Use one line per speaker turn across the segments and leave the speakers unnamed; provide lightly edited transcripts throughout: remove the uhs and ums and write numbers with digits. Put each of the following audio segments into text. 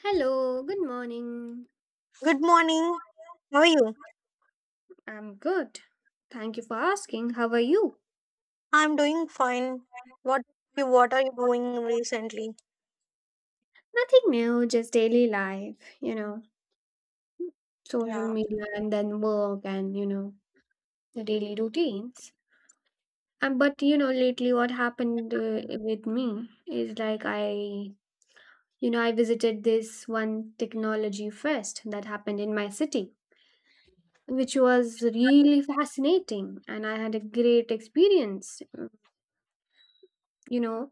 Hello, good morning.
Good morning. How are you?
I'm good. Thank you for asking. How are you?
I'm doing fine. What you what are you doing recently?
Nothing new, just daily life, social
Yeah.
media and then work and the daily routines. And but, you know, lately what happened with me is like I visited this one technology fest that happened in my city, which was really fascinating and I had a great experience you know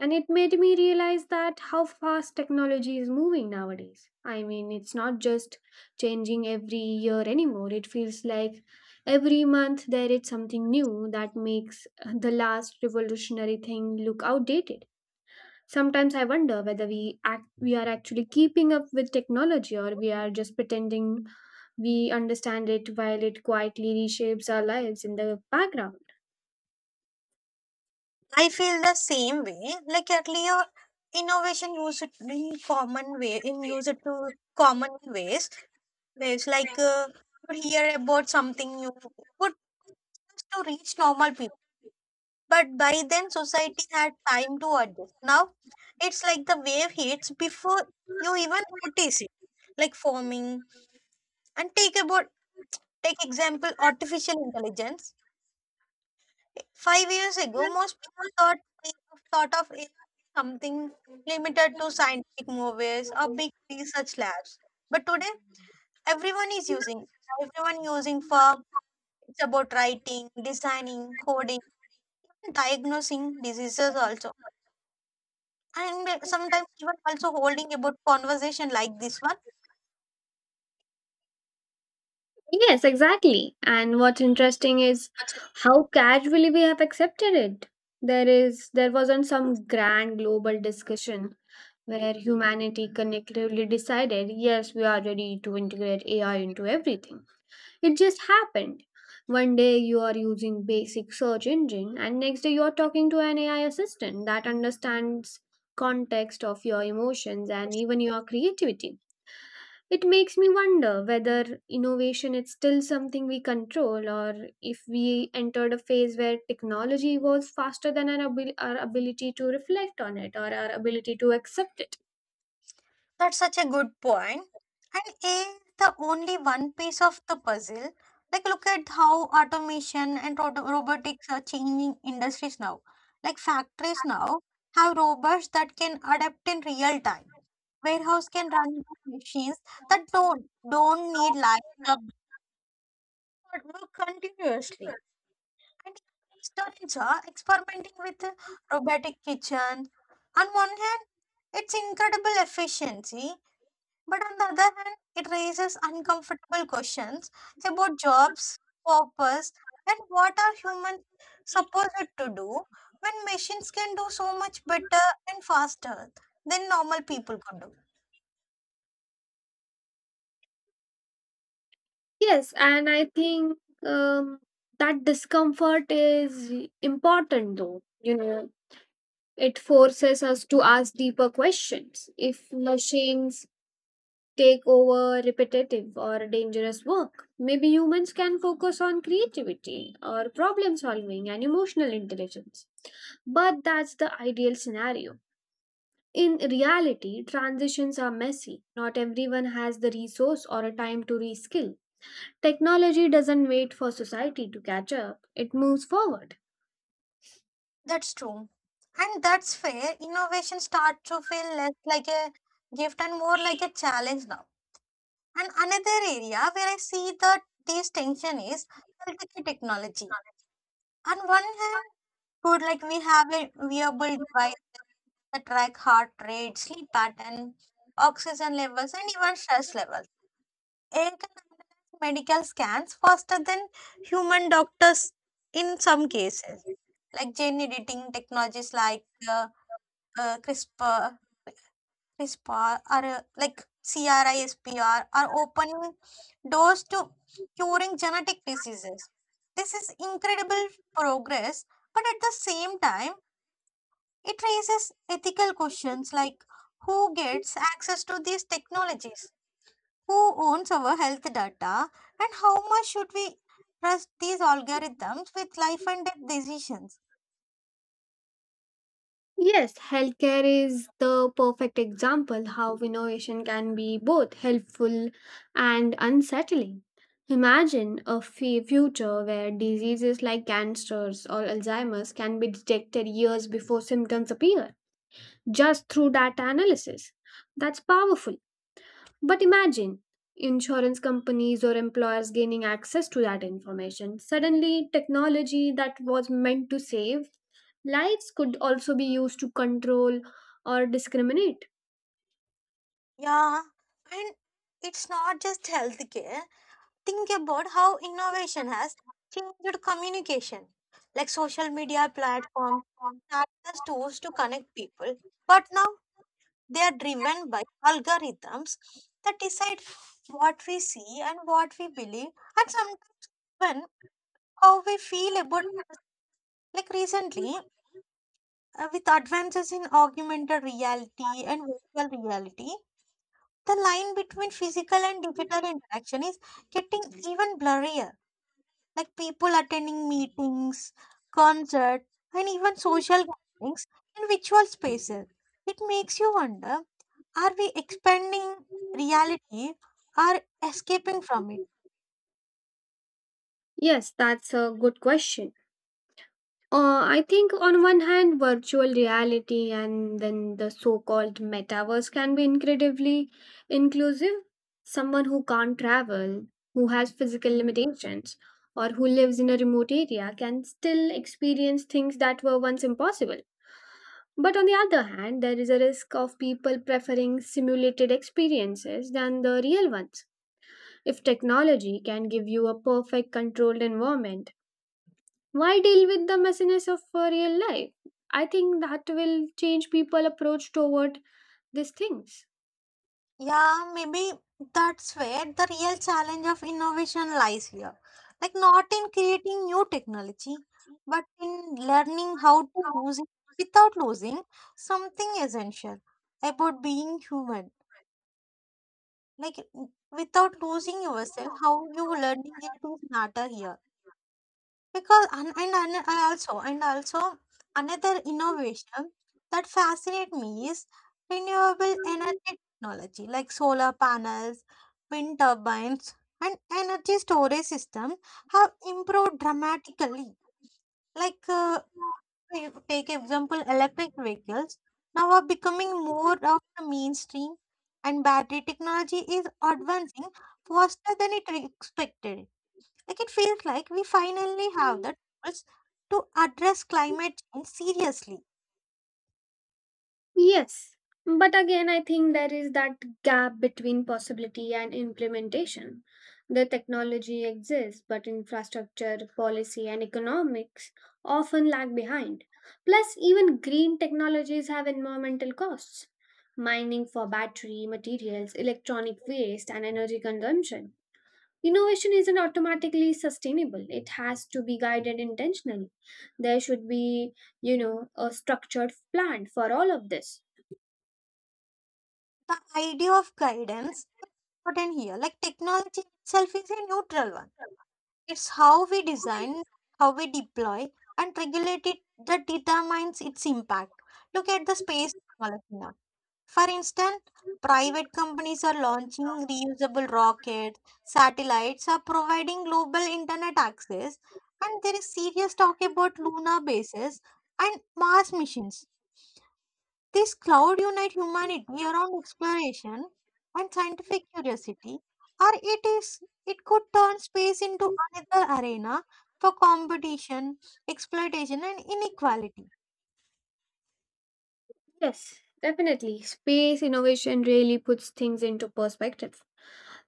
and it made me realize that how fast technology is moving nowadays. I mean, it's not just changing every year anymore. It feels like every month there is something new that makes the last revolutionary thing look outdated. Sometimes I wonder whether we are actually keeping up with technology, or we are just pretending we understand it while it quietly reshapes our lives in the background.
I feel the same way. Like earlier innovation used it in common way in used it to common ways. It's like you hear about something new would just to reach normal people. But by then society had time to adjust. Now it's like the wave hits before you even notice it. Like forming and take about Take example artificial intelligence. 5 years ago, most people thought of it something limited to scientific movies or big research labs. But today, everyone is using. Everyone using for it's about writing, designing, coding, diagnosing diseases also, and sometimes even also holding about conversation like this one.
Yes, exactly. And what's interesting is how casually we have accepted it. There wasn't some grand global discussion where humanity collectively decided, yes, we are ready to integrate AI into everything. It just happened. One day you are using basic search engine, and next day you are talking to an AI assistant that understands context of your emotions and even your creativity. It makes me wonder whether innovation is still something we control, or if we entered a phase where technology evolves faster than our ability to reflect on it or our ability to accept it.
That's such a good point. And a is the only one piece of the puzzle. Like, look at how automation and robotics are changing industries now. Like, factories now have robots that can adapt in real time. Warehouse can run by machines that don't need live job but work continuously. And startups are experimenting with robotic kitchen. On one hand, it's incredible efficiency. But on the other hand, it raises uncomfortable questions about jobs, purpose, and what are humans supposed to do when machines can do so much better and faster than normal people could do.
Yes, and I think um, that discomfort is important though. You know, it forces us to ask deeper questions. If machines take over repetitive or dangerous work, maybe humans can focus on creativity or problem solving and emotional intelligence. But that's the ideal scenario. In reality, transitions are messy. Not everyone has the resource or a time to reskill. Technology doesn't wait for society to catch up, it moves forward.
That's true. And that's where innovation starts to feel less like a gift and more like a challenge now. And another area where I see that this tension is healthcare technology. On one hand, good like we have a wearable device that track heart rate, sleep pattern, oxygen levels, and even stress levels. AI can analyze medical scans faster than human doctors in some cases, like gene editing technologies like uh, CRISPR, CRISPR, or CRISPR are opening doors to curing genetic diseases. This is incredible progress, but at the same time, it raises ethical questions like who gets access to these technologies, who owns our health data, and how much should we trust these algorithms with life and death decisions.
Yes, healthcare is the perfect example how innovation can be both helpful and unsettling. Imagine a future where diseases like cancers or Alzheimer's can be detected years before symptoms appear, just through data analysis. That's powerful. But imagine insurance companies or employers gaining access to that information. Suddenly, technology that was meant to save lights could also be used to control or discriminate.
Yeah, and it's not just healthcare. Think about how innovation has changed communication, like social media platforms, act as tools to connect people. But now they are driven by algorithms that decide what we see and what we believe, and sometimes even how we feel about. Like recently, with advances in augmented reality and virtual reality, the line between physical and digital interaction is getting even blurrier. Like people attending meetings, concerts, and even social gatherings in virtual spaces. It makes you wonder, are we expanding reality or escaping from it?
Yes, that's a good question. I think on one hand, virtual reality and then the so called metaverse can be incredibly inclusive. Someone who can't travel, who has physical limitations, or who lives in a remote area can still experience things that were once impossible. But on the other hand, there is a risk of people preferring simulated experiences than the real ones. If technology can give you a perfect controlled environment, why deal with the messiness of real life? I think that will change people approach toward these things.
Yeah, maybe that's where the real challenge of innovation lies here. Like, not in creating new technology, but in learning how to use it without losing something essential about being human. Like without losing yourself how you learning it is matter here because and I also and also another innovation that fascinate me is renewable energy technology like solar panels, wind turbines, and energy storage system have improved dramatically. Like if take example electric vehicles now are becoming more of the mainstream and battery technology is advancing faster than it expected. Like it feels like we finally have the tools to address climate change seriously.
Yes, but again, I think there is that gap between possibility and implementation. The technology exists, but infrastructure, policy, and economics often lag behind. Plus, even green technologies have environmental costs: mining for battery materials, electronic waste, and energy consumption. Innovation isn't automatically sustainable, it has to be guided intentionally. There should be, you know, a structured plan for all of this.
The idea of guidance is important here. Like technology itself is a neutral one. It's how we design, how we deploy, and regulate it that determines its impact. Look at the space technology now. For instance, private companies are launching reusable rockets, satellites are providing global internet access, and there is serious talk about lunar bases and Mars missions. This cloud unite humanity around exploration and scientific curiosity, or it is it could turn space into another arena for competition, exploitation, and inequality.
Yes, definitely. Space innovation really puts things into perspective.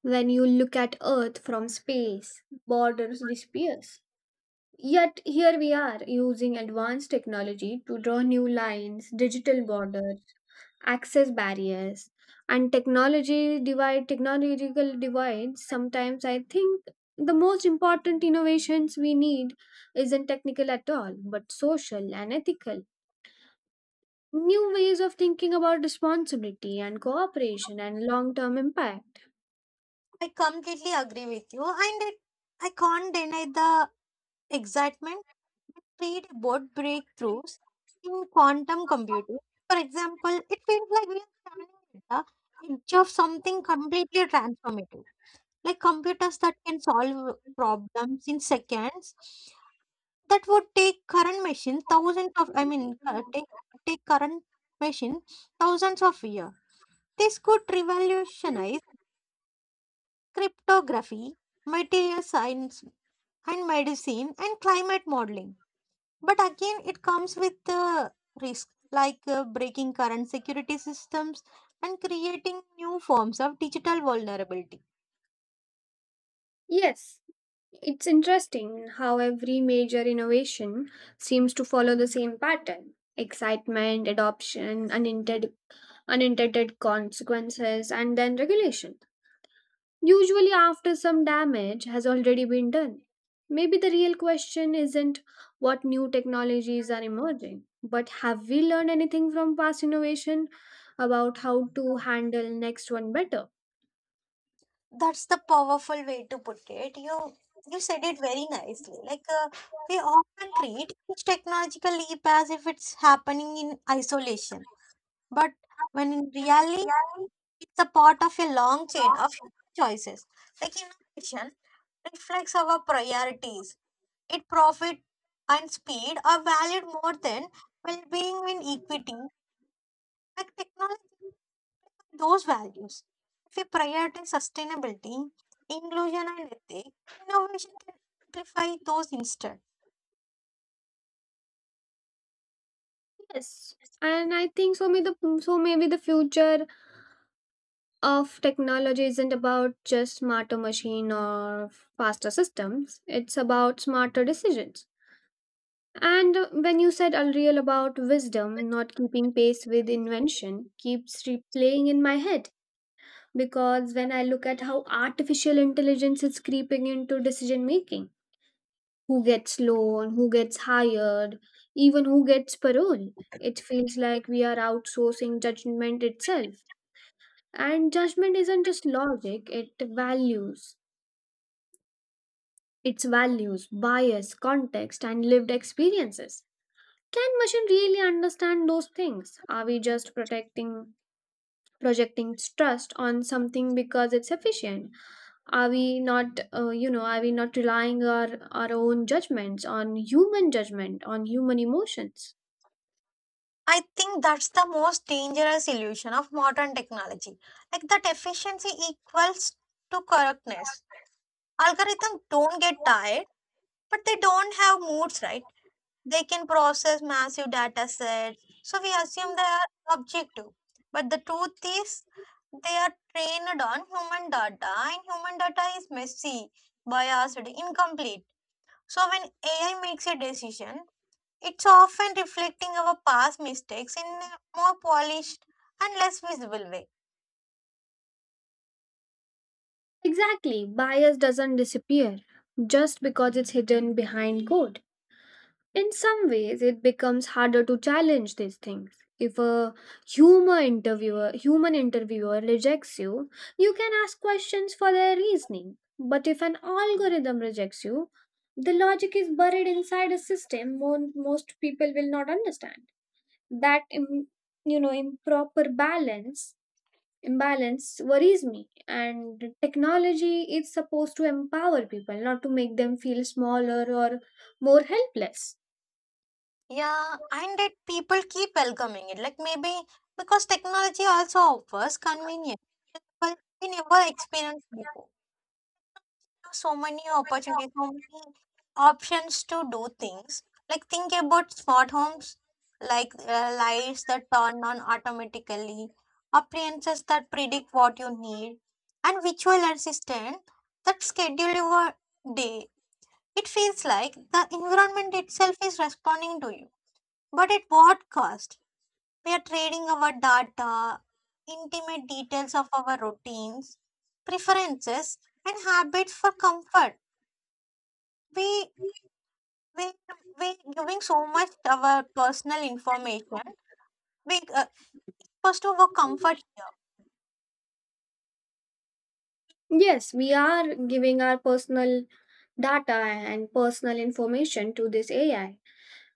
When you look at Earth from space, borders disappears. Yet here we are using advanced technology to draw new lines, digital borders, access barriers, and technology divide technological divides. Sometimes I think the most important innovations we need isn't technical at all, but social and ethical. New ways of thinking about responsibility and cooperation and long term impact.
I completely agree with you, and it, I can't deny the excitement create about breakthroughs in quantum computing. For example, it feels like we are standing at the edge of something completely transformative, like computers that can solve problems in seconds that would take current machines thousands of, take current machine thousands of years. This could revolutionize cryptography, material science, and medicine and climate modeling. But again, it comes with the risk, like breaking current security systems and creating new forms of digital vulnerability.
Yes, it's interesting how every major innovation seems to follow the same pattern: excitement, adoption, unintended consequences, and then regulation. Usually, after some damage has already been done. Maybe the real question isn't what new technologies are emerging, but have we learned anything from past innovation about how to handle next one better?
That's the powerful way to put it. You said it very nicely. Like we often treat each technological leap as if it's happening in isolation, but when in reality it's a part of a long chain of choices. Like innovation reflects our priorities. It profit and speed are valued more than well-being and equity, like technology and those values. If we prioritize sustainability, inclusion and ethics, innovation can amplify those instead.
Yes. And I think so. Maybe the future of technology isn't about just smarter machine or faster systems. It's about smarter decisions. And when you said unreal about wisdom not keeping pace with invention, keeps replaying in my head, because when I look at how artificial intelligence is creeping into decision making, who gets loan, who gets hired, even who gets parole, it feels like we are outsourcing judgment itself. And judgment isn't just logic, it values. It's values, bias, context, and lived experiences. Can machine really understand those things? Are we just protecting projecting trust on something because it's efficient? Are we not are we not relying our own judgments on human judgment, on human emotions?
I think that's the most dangerous illusion of modern technology. Like that efficiency equals to correctness. Algorithms don't get tired, but they don't have moods, right? They can process massive data sets, so we assume they are objective. But the truth is, they are trained on human data, and human data is messy, biased, incomplete. So when AI makes a decision, it's often reflecting our past mistakes in a more polished and less visible way.
Exactly. Bias doesn't disappear just because it's hidden behind code. In some ways, it becomes harder to challenge these things. If a human interviewer rejects you, you can ask questions for their reasoning. But if an algorithm rejects you, the logic is buried inside a system most people will not understand. That improper balance imbalance worries me, and technology is supposed to empower people, not to make them feel smaller or more helpless.
Yeah, and that people keep welcoming it. Like maybe because technology also offers convenience that we never experienced before. So many opportunities, so many options to do things. Like think about smart homes, like lights that turn on automatically, appliances that predict what you need, and virtual assistant that schedule your day. It feels like the environment itself is responding to you. But at what cost? We are trading our data, intimate details of our routines, preferences, and habits for comfort we we we giving so much our personal information we first of all comfort here.
Yes, we are giving our personal data and personal information to this AI.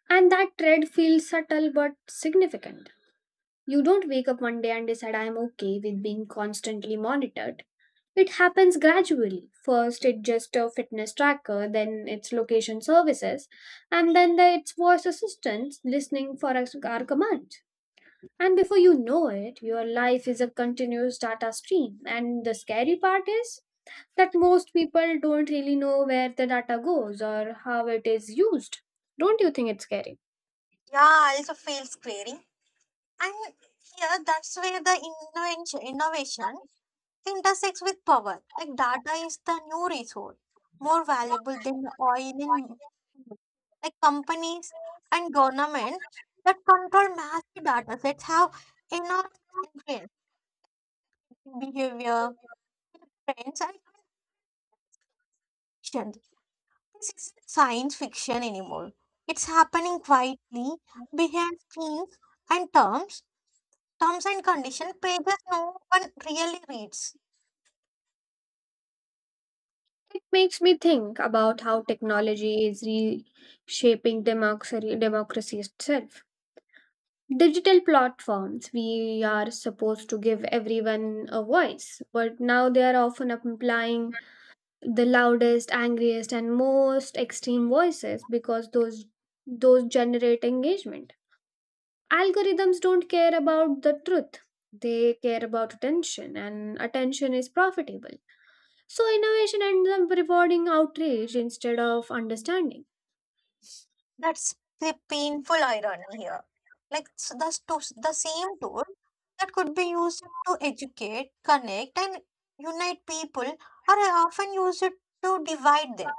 And that thread feels subtle but significant. You don't wake up one day and decide I'm okay with being constantly monitored. It happens gradually. First, it's just a fitness tracker, then it's location services, and it's voice assistants listening for our commands. And before you know it, your life is a continuous data stream. And the scary part is that most people don't really know where the data goes or how it is used. Don't you think it's scary?
Yeah, I also feels craving. And yeah, that's where the innovation intersects with power. Like data is the new resource, more valuable than oil in like companies and governments that control massive data sets have enormous influence in behavior, trends, and actions. This isn't science fiction anymore. It's happening quietly behind screens and terms and condition pages no one really reads.
It makes me think about how technology is reshaping democracy itself. Digital platforms, we are supposed to give everyone a voice, but now they are often applying the loudest angriest and most extreme voices because those generate engagement. Algorithms don't care about the truth, they care about attention, and attention is profitable. So innovation ends up rewarding outrage instead of understanding.
That's the painful irony here. Like the same tool that could be used to educate, connect, and unite people are often used to divide them.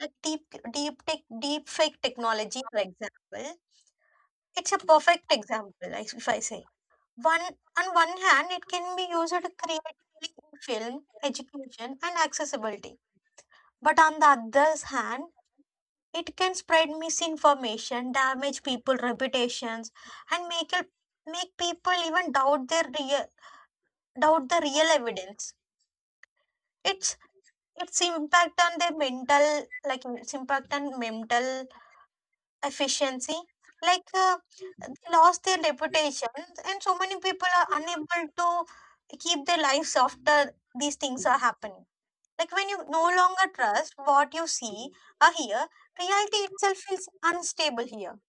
Like deep tech, deep fake technology, for example. It's a perfect example, if I say. One on one hand, it can be used creatively in film, education, and accessibility. But on the other hand, it can spread misinformation, damage people' reputations, and make people even doubt their real doubt the real evidence. It's its impact on their mental, like its impact on mental efficiency. Like they lost their reputation and so many people are unable to keep their lives after these things are happening. Like when you no longer trust what you see or hear, reality itself feels unstable here.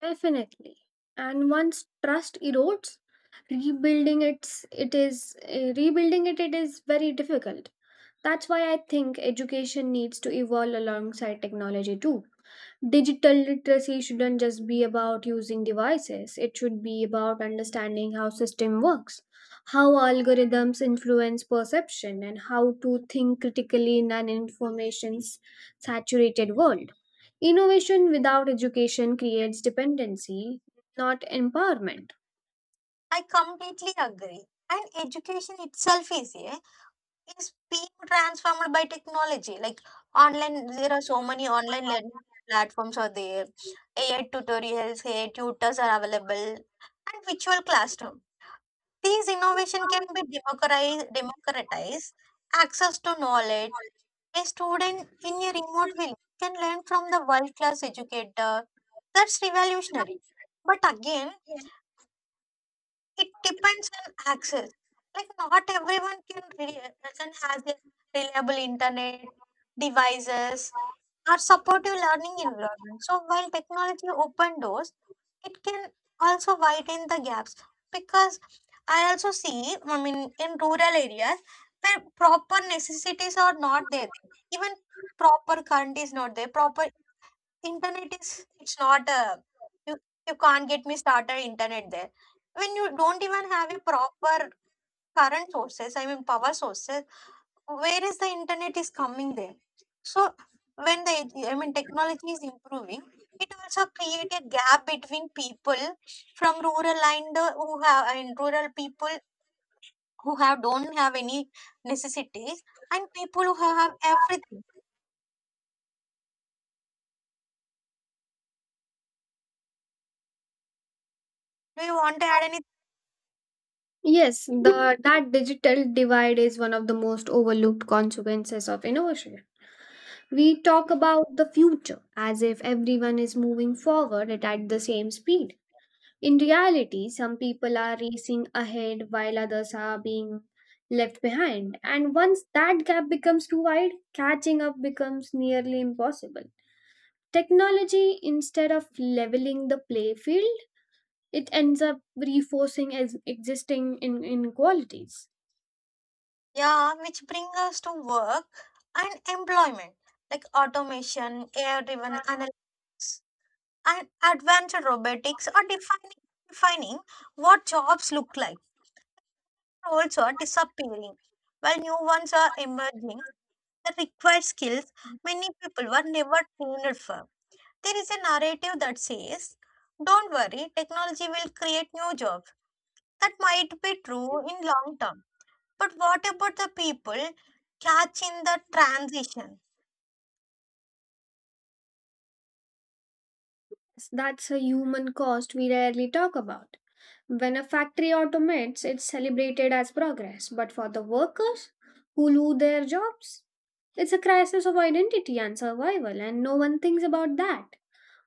Definitely. And once trust erodes, rebuilding it it is very difficult. That's why I think education needs to evolve alongside technology too. Digital literacy shouldn't just be about using devices, it should be about understanding how system works, how algorithms influence perception and how to think critically in an information's saturated world. Innovation without education creates dependency, not empowerment.
I completely agree. And education itself is a Is being transformed by technology. Like online, there are so many online learning platforms are there. AI tutorials, AI tutors are available, and virtual classroom. These innovation can be democratize access to knowledge. A student in a remote village can learn from the world class educator. That's revolutionary. But again, it depends on access. Like not everyone can doesn't has a reliable internet, devices, or supportive learning environment. So while technology open doors, it can also widen the gaps because I also see, I mean, in rural areas where proper necessities are not there, even proper current is not there, proper Internet is it's not a you you can't get me started internet there. When you don't even have a proper current sources, I mean power sources, where is the internet is coming there? So when the I mean technology is improving, it also create a gap between people from rural and who have and rural people who have don't have any necessities and people who have everything. Do you want to add any?
Yes, the that digital divide is one of the most overlooked consequences of innovation. We talk about the future as if everyone is moving forward at the same speed. In reality, some people are racing ahead while others are being left behind. And once that gap becomes too wide, catching up becomes nearly impossible. Technology, instead of leveling the play field, it ends up reinforcing as existing inequalities.
Yeah, which bring us to work and employment, like automation, AI-driven analytics, and advanced robotics are defining what jobs look like. Also, are disappearing, while new ones are emerging that require skills many people were never trained for. There is a narrative that says, "Don't worry, technology will create new jobs." That might be true in long term, but what about the people catching the transition?
Yes, that's a human cost we rarely talk about. When a factory automates, it's celebrated as progress, but for the workers who lose their jobs, it's a crisis of identity and survival, and no one thinks about that.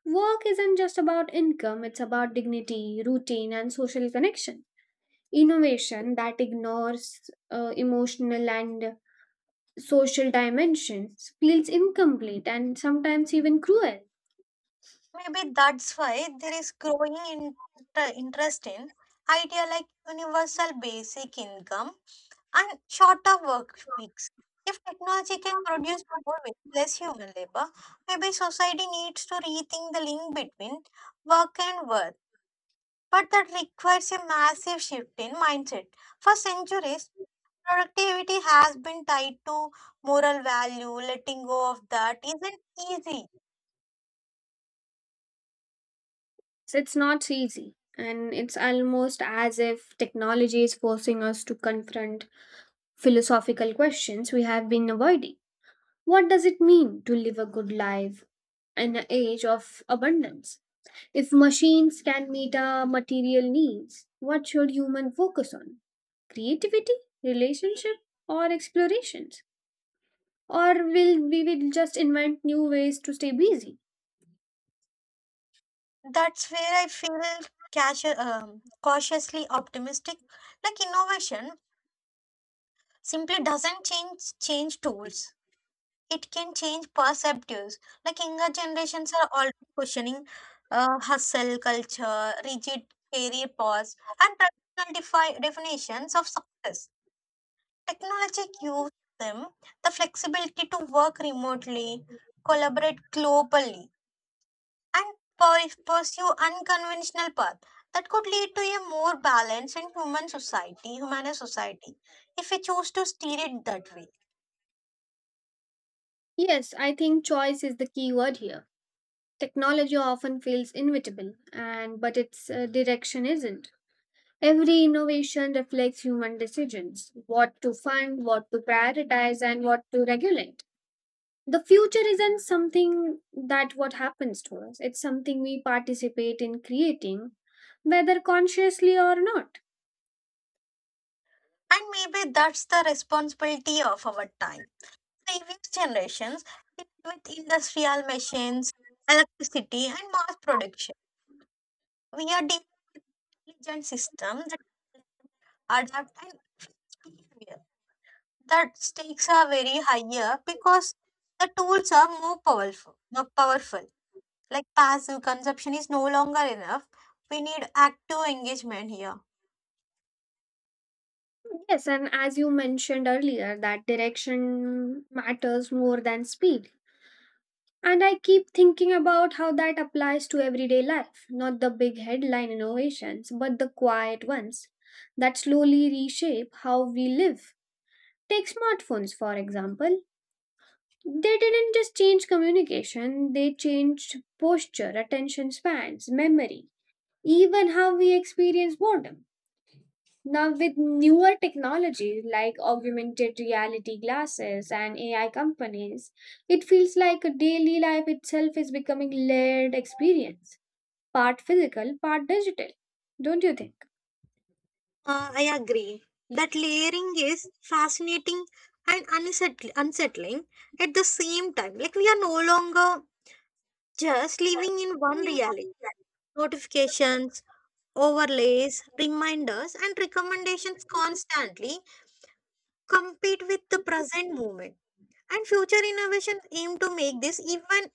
Work isn't just about income, it's about dignity, routine, and social connection. Innovation that ignores emotional and social dimensions feels incomplete and sometimes even cruel.
Maybe that's why there is growing interest in idea like universal basic income and shorter work weeks. If technology can produce more with less human labor, maybe society needs to rethink the link between work and worth. But that requires a massive shift in mindset. For centuries, productivity has been tied to moral value. Letting go of that isn't easy.
So it's not easy. And it's almost as if technology is forcing us to confront philosophical questions we have been avoiding. What does it mean to live a good life in an age of abundance? If machines can meet our material needs, what should human focus on? Creativity, relationship, or explorations? Or will we will just invent new ways to stay busy?
That's where I feel cautiously optimistic. Like innovation simply doesn't change tools. It can change perceptives. Like younger generations are already questioning hustle culture, rigid career paths, and traditional definitions of success. Technology gives them the flexibility to work remotely, collaborate globally and pursue unconventional path that could lead to a more balanced and humane society if we choose to steer it that way.
Yes, I think choice is the key word here. Technology often feels inevitable, and but its direction isn't. Every innovation reflects human decisions: what to fund, what to prioritize, and what to regulate. The future isn't something that what happens to us. It's something we participate in creating, whether consciously or not.
And maybe that's the responsibility of our time. Previous generations lived with industrial machines, electricity and mass production. We are diligent systems that adapt and fix behavior. That stakes are very higher because the tools are more powerful more powerful. Like passive consumption is no longer enough. We need active engagement here.
Yes, and as you mentioned earlier, that direction matters more than speed. And I keep thinking about how that applies to everyday life, not the big headline innovations, but the quiet ones that slowly reshape how we live. Take smartphones, for example. They didn't just change communication, they changed posture, attention spans, memory, even how we experience boredom. Now, with newer technology like augmented reality glasses and AI companies, it feels like a daily life itself is becoming layered experience, part physical, part digital. Don't you think?
I agree. That layering is fascinating and unsettling at the same time. Like, we are no longer just living in one reality. Notifications, overlays, reminders, and recommendations constantly compete with the present moment. And future innovations aim to make this even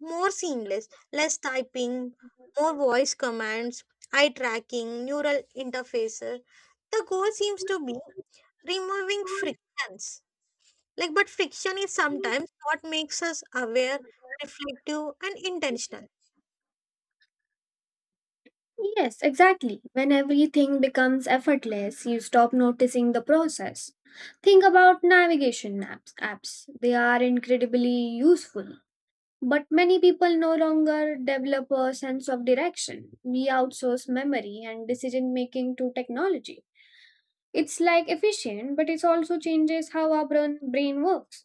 more seamless, less typing, more voice commands, eye tracking, neural interfaces. The goal seems to be removing frictions. Like, but friction is sometimes what makes us aware, reflective, and intentional.
Yes, exactly. When everything becomes effortless, you stop noticing the process. Think about navigation maps apps. They are incredibly useful, but many people no longer develop a sense of direction. We outsource memory and decision making to technology. It's like efficient, but it also changes how our brain works.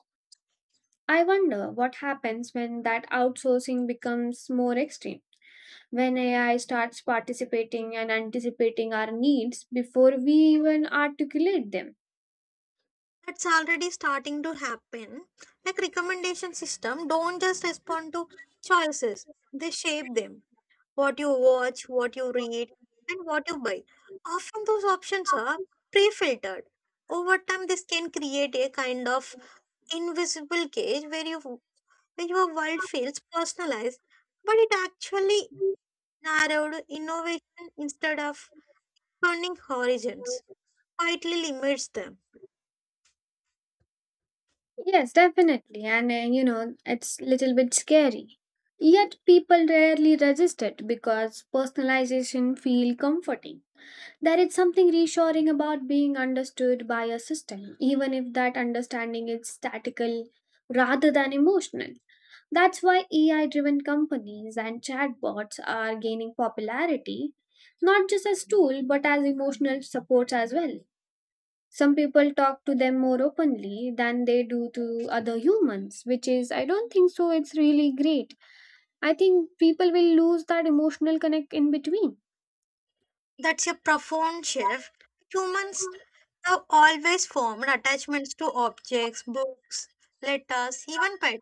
I wonder what happens when that outsourcing becomes more extreme, when AI starts participating and anticipating our needs before we even articulate them.
That's already starting to happen. Like recommendation system don't just respond to choices; they shape them. What you watch, what you read, and what you buy. Often those options are pre filtered. Over time, this can create a kind of invisible cage where your world feels personalized, but it actually narrowed innovation instead of turning horizons, quietly limits them.
Yes, definitely. And you know, it's little bit scary. Yet people rarely resist it because personalization feel comforting. There is something reassuring about being understood by a system, even if that understanding is statical rather than emotional. That's why AI driven companies and chatbots are gaining popularity, not just as tool but as emotional support as well. Some people talk to them more openly than they do to other humans, which is, I don't think so, it's really great. I think people will lose that emotional connect in between.
That's a profound shift. Humans have always formed attachments to objects, books, letters, even pets.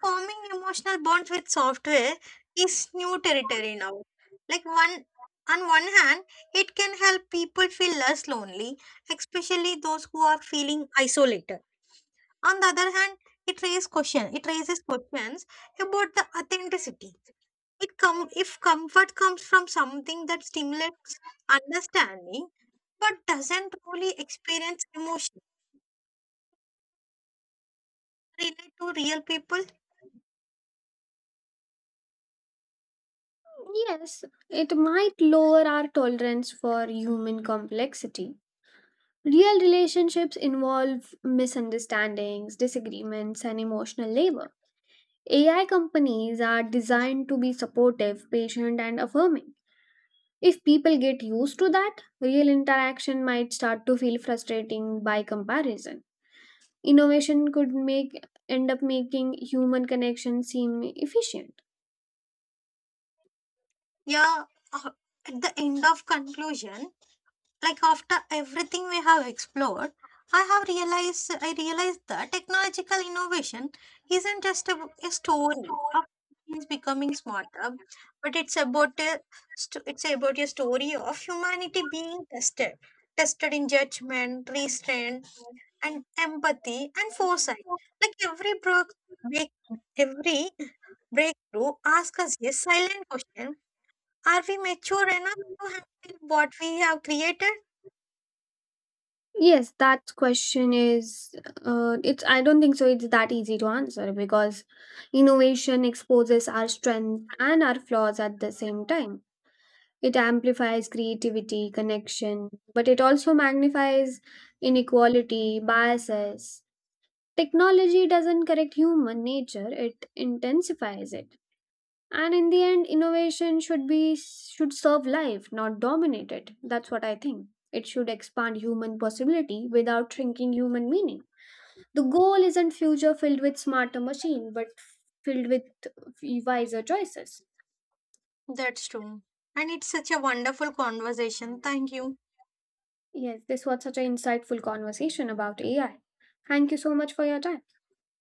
Forming emotional bonds with software is new territory now. Like one on one hand, it can help people feel less lonely, especially those who are feeling isolated. On the other hand, It raises questions about the authenticity. It come if comfort comes from something that stimulates understanding but doesn't really experience emotion. Relate to real people.
Yes, it might lower our tolerance for human complexity. Real relationships involve misunderstandings, disagreements, and emotional labor. AI companies are designed to be supportive, patient, and affirming. If people get used to that, real interaction might start to feel frustrating by comparison. Innovation could make end up making human connection seem efficient.
Yeah. uh, At the end of conclusion, like after everything we have explored, I realized that technological innovation isn't just a story of things becoming smarter, but it's about it's about a story of humanity being tested in judgment, restraint, and empathy and foresight. Like break, every breakthrough asks us a silent question: are we mature enough to handle what we have created?
Yes, that question is it's I don't think so it's that easy to answer, because innovation exposes our strengths and our flaws at the same time. It amplifies creativity, connection, but it also magnifies inequality, biases. Technology doesn't correct human nature, it intensifies it. And in the end, innovation should serve life, not dominate it. That's what I think. It should expand human possibility without shrinking human meaning. The goal isn't future filled with smarter machine, but filled with wiser choices.
That's true. And it's such a wonderful conversation. Thank you.
Yes, this was such an insightful conversation about AI. Thank you so much for your time.